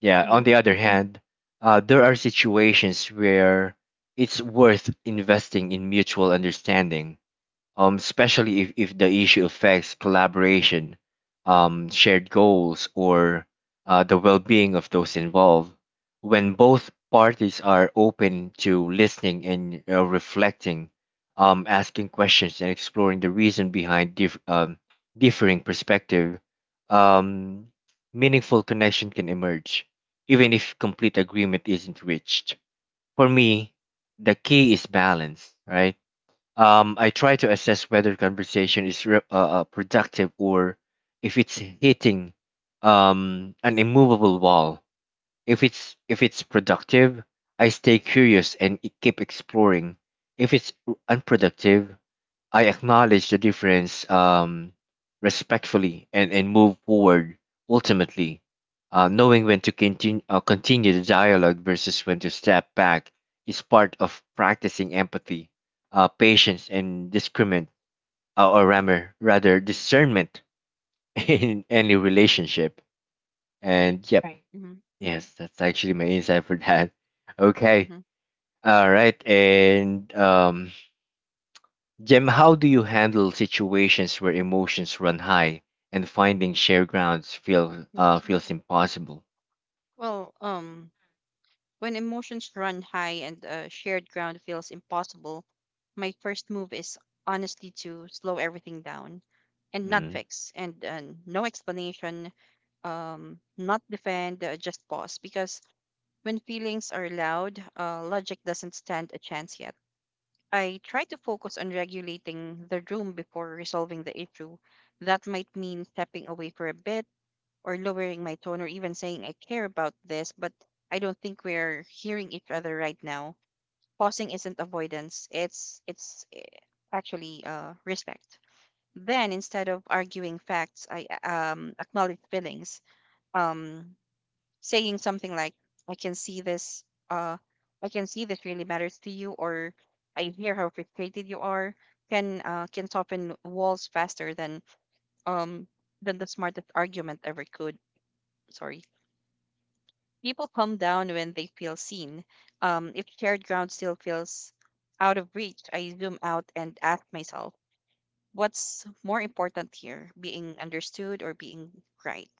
yeah, Mm-hmm. on the other hand, uh, there are situations where it's worth investing in mutual understanding, um, especially if, if the issue affects collaboration, um, shared goals, or uh, the well being of those involved. When both parties are open to listening and uh, reflecting, um, asking questions and exploring the reason behind dif- um, differing perspective, um, meaningful connection can emerge, even if complete agreement isn't reached. For me, the key is balance, right? Um, I try to assess whether conversation is re- uh, uh, productive or if it's hitting um, an immovable wall. If it's if it's productive, I stay curious and e- keep exploring. If it's unproductive, I acknowledge the difference, um, respectfully, and, and move forward ultimately. Uh, knowing when to continue, uh, continue the dialogue versus when to step back is part of practicing empathy, uh, patience, and discernment, uh, or rather, rather discernment in any relationship. And Right. yep, Mm-hmm. yes, that's actually my insight for that. Okay, Mm-hmm. all right, and um, Jem, how do you handle situations where emotions run high and finding shared grounds feel uh, feels impossible? Well, um, When emotions run high and uh, shared ground feels impossible, my first move is honestly to slow everything down, and not hmm fix, and uh, no explanation, um, not defend, uh, just pause. Because when feelings are loud, uh, logic doesn't stand a chance yet. I try to focus on regulating the room before resolving the issue. That might mean stepping away for a bit, or lowering my tone, or even saying, I care about this, but I don't think we're hearing each other right now. Pausing isn't avoidance. It's it's eh, actually, uh, respect. Then instead of arguing facts, I um, acknowledge feelings. Um, Saying something like, I can see this. Uh, I can see this really matters to you, or I hear how frustrated you are. Can uh, can soften walls faster than um than the smartest argument ever could. Sorry. People calm down when they feel seen. Um, if shared ground still feels out of reach, I zoom out and ask myself: what's more important here, being understood or being right?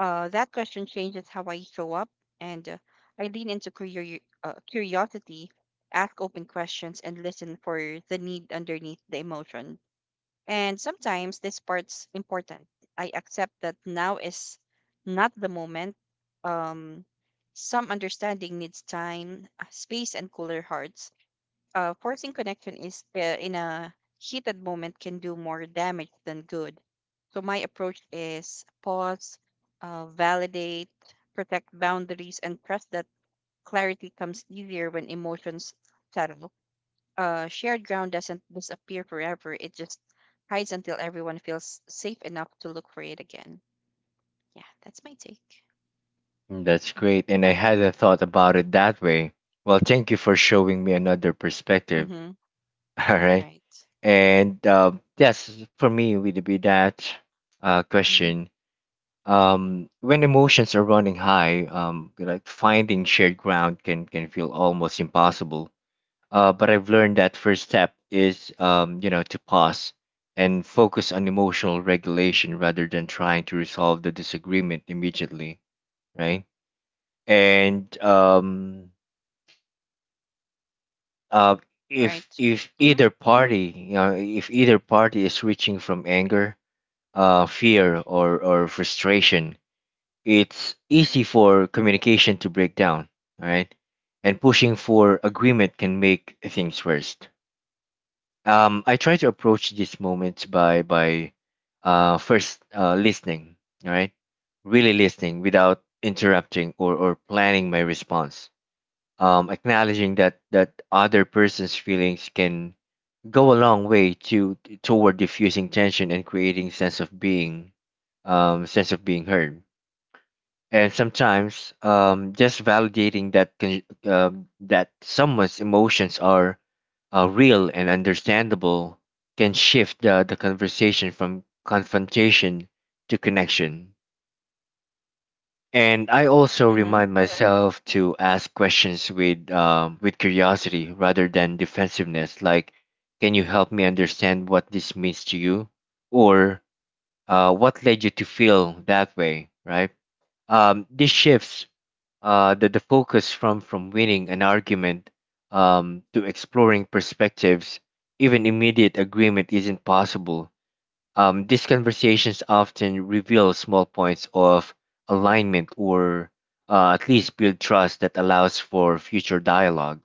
Uh, that question changes how I show up, and uh, I lean into curio- uh, curiosity, ask open questions, and listen for the need underneath the emotion. And sometimes this part's important. I accept that now is not the moment. Um, some understanding needs time, uh, space, and cooler hearts. Uh, forcing connection is uh, in a heated moment can do more damage than good. So my approach is: pause, uh, validate, protect boundaries, and trust that clarity comes easier when emotions settle. Uh, shared ground doesn't disappear forever. It just hides until everyone feels safe enough to look for it again. Yeah, that's my take. That's great, and I hadn't thought about it that way. Well, thank you for showing me another perspective. Mm-hmm. All right, Right. and uh, yes, for me would be that uh, Mm-hmm. question. Um, when emotions are running high, um, like finding shared ground can can feel almost impossible, uh, but I've learned that first step is um, you know to pause and focus on emotional regulation rather than trying to resolve the disagreement immediately, right? And um, uh, if Right. if Mm-hmm. either party, you know, if either party is reaching from anger, uh, fear, or or frustration, it's easy for communication to break down, right? And pushing for agreement can make things worse. um I try to approach this moment by by uh first uh listening, all right, really listening without interrupting or or planning my response. Um acknowledging that that other person's feelings can go a long way to toward diffusing tension and creating sense of being, um sense of being heard. And sometimes, um, just validating that con- um that someone's emotions are uh, real and understandable can shift the, the conversation from confrontation to connection. And I also Mm-hmm. remind myself to ask questions with um, with curiosity rather than defensiveness. Like, can you help me understand what this means to you, or uh, what led you to feel that way? Right? Um, this shifts uh, the, the focus from from winning an argument um, to exploring perspectives. Even immediate agreement isn't possible, um, these conversations often reveal small points of alignment or uh, at least build trust that allows for future dialogue.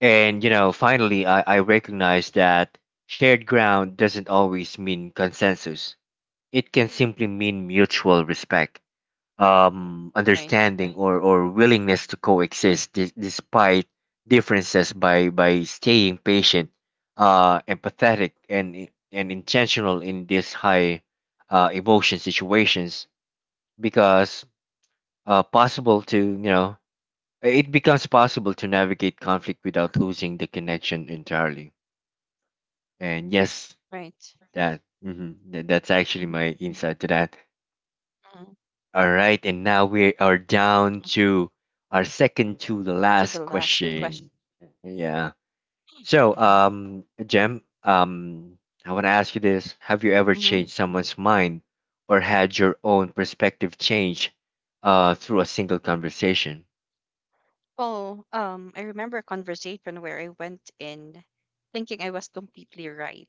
And you know finally i, I recognize that shared ground doesn't always mean consensus; it can simply mean mutual respect, um, Right. understanding, or, or willingness to coexist dis- despite differences by by staying patient, uh, empathetic, and and intentional in these high uh, emotion situations, because uh, possible to you know it becomes possible to navigate conflict without losing the connection entirely. And yes, Right. that mhm, that that's actually Mm-hmm. my insight to that. Mm-hmm. All right, and now we are down to our second to the To the last last question. question. Yeah. So, Mm-hmm. um, Jem, um, I want to ask you this: have you ever Mm-hmm. changed someone's mind, or had your own perspective change uh, through a single conversation? Oh, um, I remember a conversation where I went in thinking I was completely right.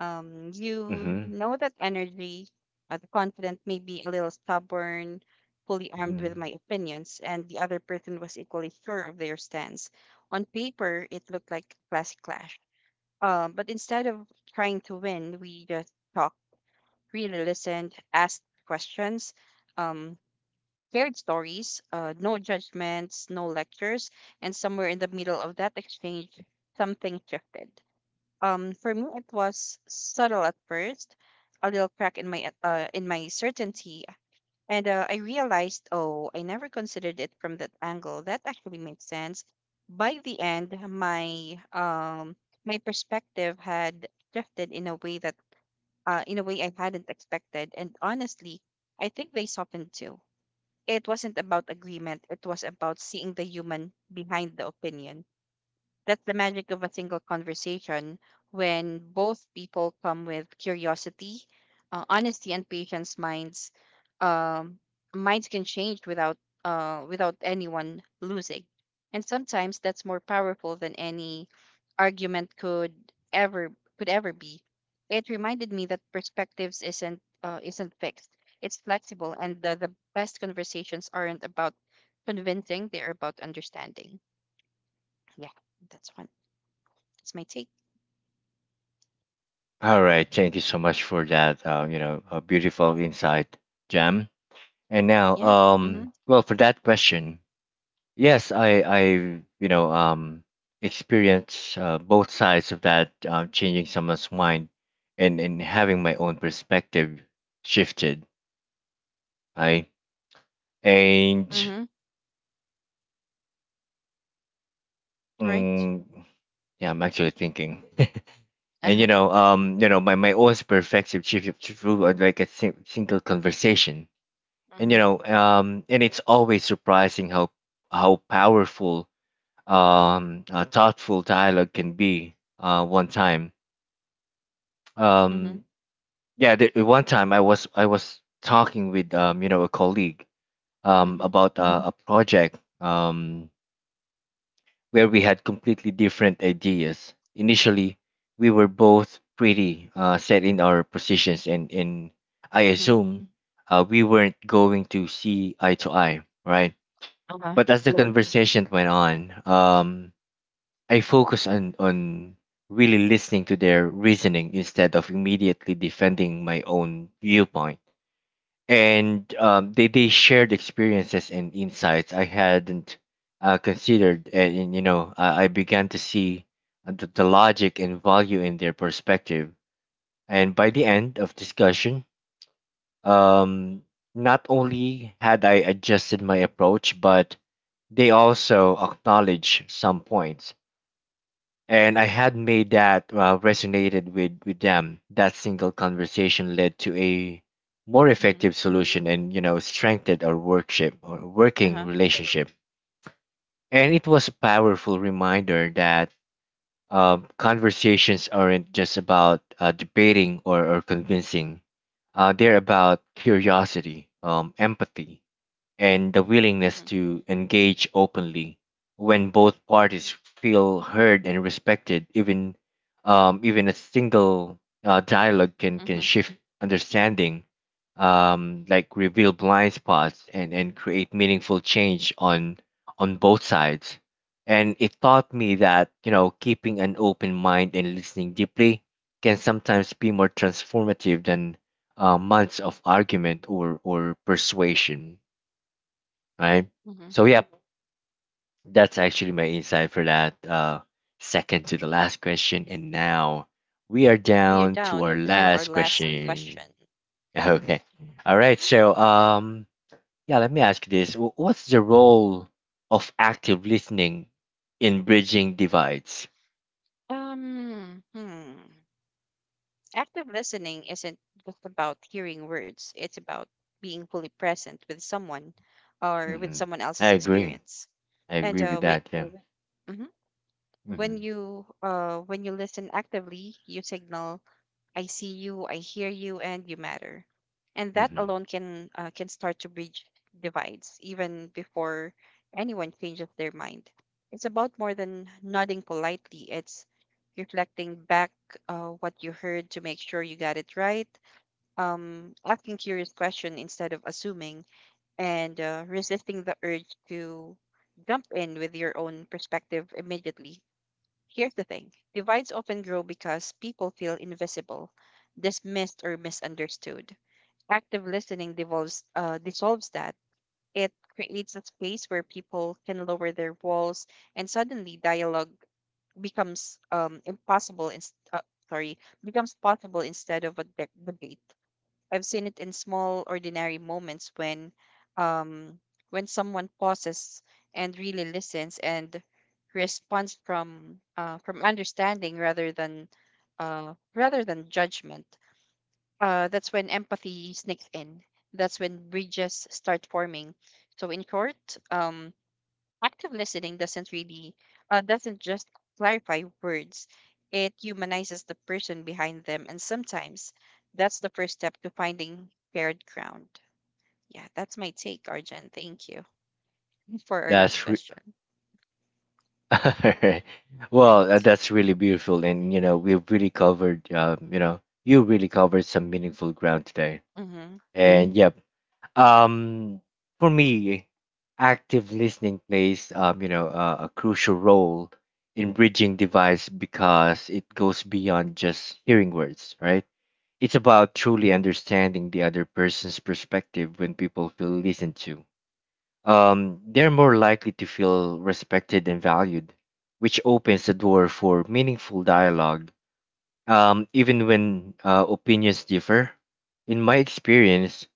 Um, you Mm-hmm. know that energy, uh, the confident, maybe a little stubborn, fully armed with Mm-hmm. my opinions, and the other person was equally sure of their stance. On paper, it looked like a classic clash. Um, but instead of trying to win, we just talked, really listened, asked questions, um, shared stories, uh, no judgments, no lectures, and somewhere in the middle of that exchange, something shifted. Um, for me, it was subtle at first, a little crack in my uh, in my certainty, and uh, I realized, oh, I never considered it from that angle. That actually makes sense. By the end, my um my perspective had shifted in a way that uh in a way I hadn't expected, and honestly, I think they softened too. It wasn't about agreement; it was about seeing the human behind the opinion. That's the magic of a single conversation, when both people come with curiosity, uh, honesty, and patience. Minds, um, minds can change without uh, without anyone losing, and sometimes that's more powerful than any argument could ever could ever be. It reminded me that perspectives isn't uh, isn't fixed. It's flexible, and the, the best conversations aren't about convincing; they're about understanding. Yeah, that's one. It's my take. All right. Thank you so much for that. Uh, you know, a beautiful insight, Jem. And now, Yeah. um, Mhm. well, for that question, yes, I, I, you know, um, experience uh, both sides of that, uh, changing someone's mind, and and having my own perspective shifted. I and Mhm. Right. mm, yeah, I'm actually thinking. Uh And you huh. know, um, you know, my my own perspective shifted through uh, like a sing- single conversation. And you Mhm. know, um, and it's always surprising how how powerful um, uh, thoughtful dialogue can be. Uh, one time Mhm. um yeah, the, one time i was i was talking with um you know a colleague um Mhm. about uh, a project, um where we had completely different ideas initially. We were both pretty uh set in our positions, and and I Mhm. assume uh we weren't going to see eye to eye, right? Uh huh. But as the conversation went on, um I focus on on really listening to their reasoning instead of immediately defending my own viewpoint. And um, they they shared experiences and insights I hadn't uh, considered, and, and, you know I, I began to see uh, the, the logic and value in their perspective. And by the end of discussion, um, not only had I adjusted my approach, but they also acknowledged some points and I had made that uh, resonated with with them. That single conversation led to a more Mhm. effective solution, and you know, strengthened our workship or Uh huh. working relationship. And it was a powerful reminder that um, conversations aren't just about uh, debating or, or convincing. Uh, they're about curiosity, um, empathy, and the Mhm. willingness to engage openly. When both parties feel heard and respected, even um, even a single uh, dialogue can Mhm. can shift understanding, um, like reveal blind spots and and create meaningful change on on both sides. And it taught me that you know keeping an open mind and listening deeply can sometimes be more transformative than uh, months of argument or or persuasion, right? Mhm. So yep, that's actually my insight for that uh, second to the last question. And now we are We are down to down our to our last last question. question. Okay, all right. So um, yeah, let me ask you this: Wh- What's the role of active listening in bridging divides? Um. Hmm. Active listening isn't just about hearing words. It's about being fully present with someone, or with Hmm. someone I else's agree. experience. I And agree with uh, wi- that. Yeah. mhm. When Hmm. you uh when you listen actively, you signal: I see you, I hear you, and you matter. And that Hmm. alone can uh, can start to bridge divides, even before anyone changes their mind. It's about more than nodding politely. It's reflecting back, uh, what you heard to make sure you got it right. Um, asking curious question instead of assuming, and uh, resisting the urge to jump in with your own perspective immediately. Here's the thing: divides often grow because people feel invisible, dismissed, or misunderstood. Active listening devolves, uh, dissolves that. It creates a space where people can lower their walls, and suddenly dialogue becomes, um, impossible. Inst- uh, sorry, Becomes possible, instead of a de- debate. I've seen it in small, ordinary moments when, um, when someone pauses and really listens and responds from uh, from understanding, rather than uh, rather than judgment. Uh, that's when empathy sneaks in. That's when bridges start forming. So in court, um, active listening doesn't really uh, doesn't just clarify words, it humanizes the person behind them, and sometimes that's the first step to finding shared ground. Yeah, that's my take, Arjun. Thank you for our last That's re- question. well, uh, Right. that's really beautiful, and you know we've really covered. Uh, you know, you really covered some meaningful ground today. Mm-hmm. And yep, um, for me, active listening plays um, you know uh, a crucial role in bridging divides because it goes beyond just hearing words, right? It's about truly understanding the other person's perspective when people feel listened to, um, they're more likely to feel respected and valued, which opens the door for meaningful dialogue, um, even when uh, opinions differ. In my experience,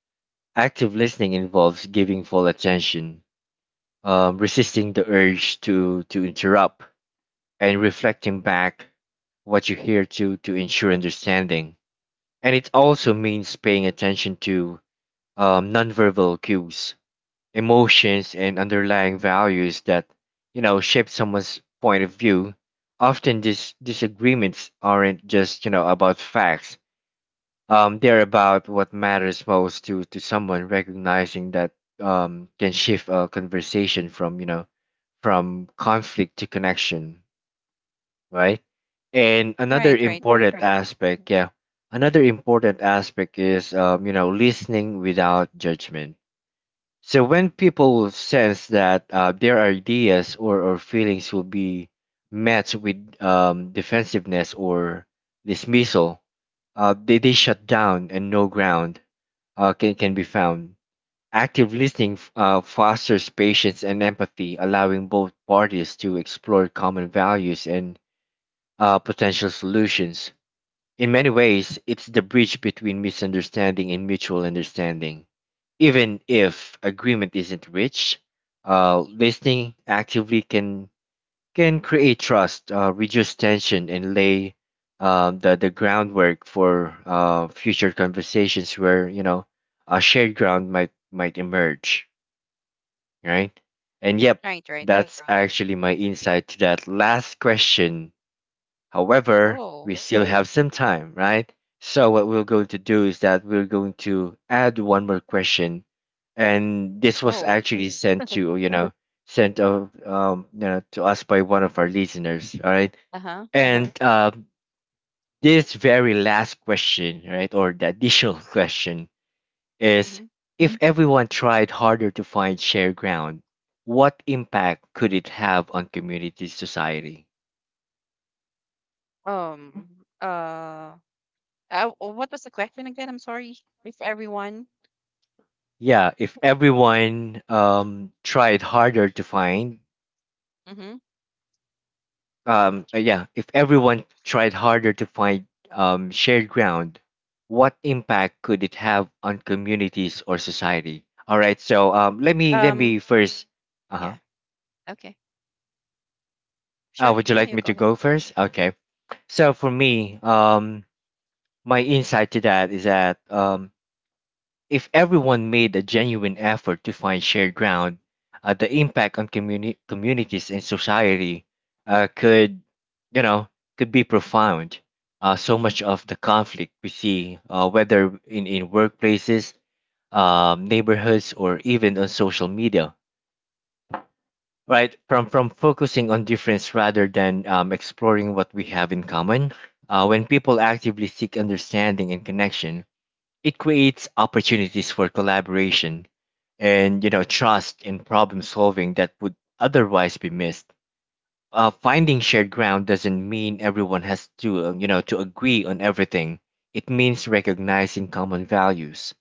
active listening involves giving full attention, um, resisting the urge to, to interrupt, and reflecting back what you hear to, to ensure understanding. And it also means paying attention to um, nonverbal cues, emotions, and underlying values that you know shape someone's point of view. Often these disagreements aren't just you know about facts. Um they're about what matters most to to someone. Recognizing that um can shift a conversation from you know from conflict to connection, right? And another Right. Right. important Mhm. aspect, yeah, another important aspect is um you know listening without judgment. So when people sense that uh, their ideas or, or feelings will be met with um, defensiveness or dismissal, uh, they, they shut down and no ground uh, can, can be found. Active listening f- uh, fosters patience and empathy, allowing both parties to explore common values and uh, potential solutions. In many ways, it's the bridge between misunderstanding and mutual understanding. Even if agreement isn't reached, uh, listening actively can can create trust, uh, reduce tension, and lay um, the the groundwork for uh, future conversations where you know a shared ground might might emerge, right? And yep, Right. Right. Right, that's right, actually my insight to that last question. However, Oh. we still have some time, right? So what we're going to do is that we're going to add one more question, and this was Oh. actually sent to you know sent of um you know to us by one of our listeners, all right? Uh-huh. And uh, This very last question, right, or the additional question is: Hmm. If everyone tried harder to find shared ground, what impact could it have on community society? um uh uh, what was the question again? I'm sorry. If everyone. Yeah, if everyone um tried harder to find Mm-hmm. um uh, yeah, if everyone tried harder to find um shared ground, what impact could it have on communities or society? All right, so um let me let me um first uh-huh. yeah, okay. Uh, sure, Would you yeah, like you me go to ahead. go first? Okay. So for me, um my insight to that is that um if everyone made a genuine effort to find shared ground, uh, the impact on communi- communities and society uh, could, you know, could be profound. Uh, so much of the conflict we see, uh, whether in, in workplaces, um, neighborhoods, or even on social media, right? From from focusing on difference rather than um, exploring what we have in common. Uh, when people actively seek understanding and connection, it creates opportunities for collaboration and you know trust in problem solving that would otherwise be missed. Uh, finding shared ground doesn't mean everyone has to uh, you know to agree on everything. It means recognizing common values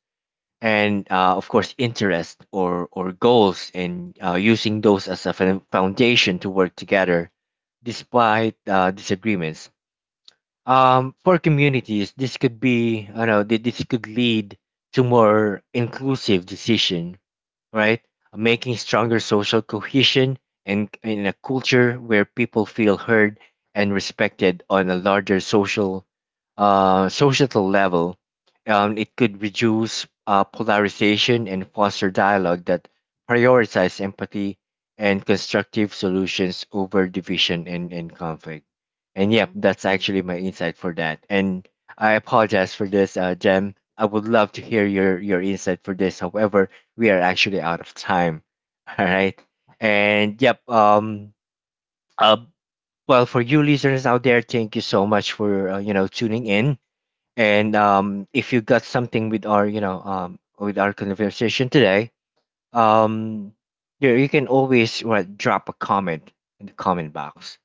and uh, of course interest or or goals, and uh, using those as a fo- foundation to work together despite uh, disagreements. Um, for communities this could be you know th- this could lead to more inclusive decision, right? Making stronger social cohesion, and in a culture where people feel heard and respected on a larger social uh, societal level. Um, it could reduce uh, polarization and foster dialogue that prioritizes empathy and constructive solutions over division and, and conflict. And yep, that's actually my insight for that. And I apologize for this, uh, Jem. I would love to hear your, your insight for this. However, we are actually out of time. All right. And yep, um, uh, well, for you listeners out there, thank you so much for, uh, you know, tuning in and um, if you got something with our, you know, um, with our conversation today, um, you, you can always what, drop a comment in the comment box.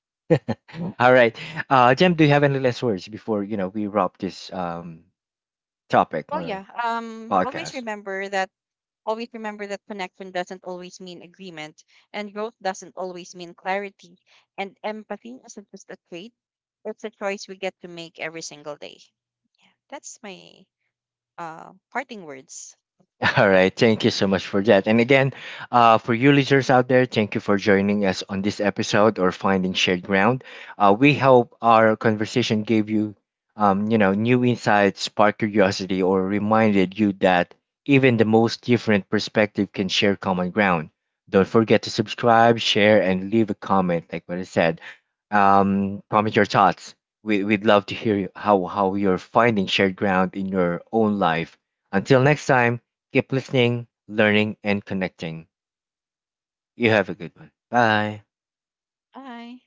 Mm. All right, uh, Jem, do you have any last words before you know we wrap this um topic Oh or yeah. Um always podcast? remember that always remember that connection doesn't always mean agreement, and growth doesn't always mean clarity, and empathy isn't just a trait. It's a choice we get to make every single day. Yeah. That's my uh parting words. All right, thank you so much for that. And again, uh, for you listeners out there, thank you for joining us on this episode or finding shared ground. Uh, we hope our conversation gave you, um, you know, new insights, sparked curiosity, or reminded you that even the most different perspective can share common ground. Don't forget to subscribe, share, and leave a comment. Like what I said, um, comment your thoughts. We, we'd love to hear how how you're finding shared ground in your own life. Until next time. Keep listening, learning, and connecting. You have a good one. Bye. Bye.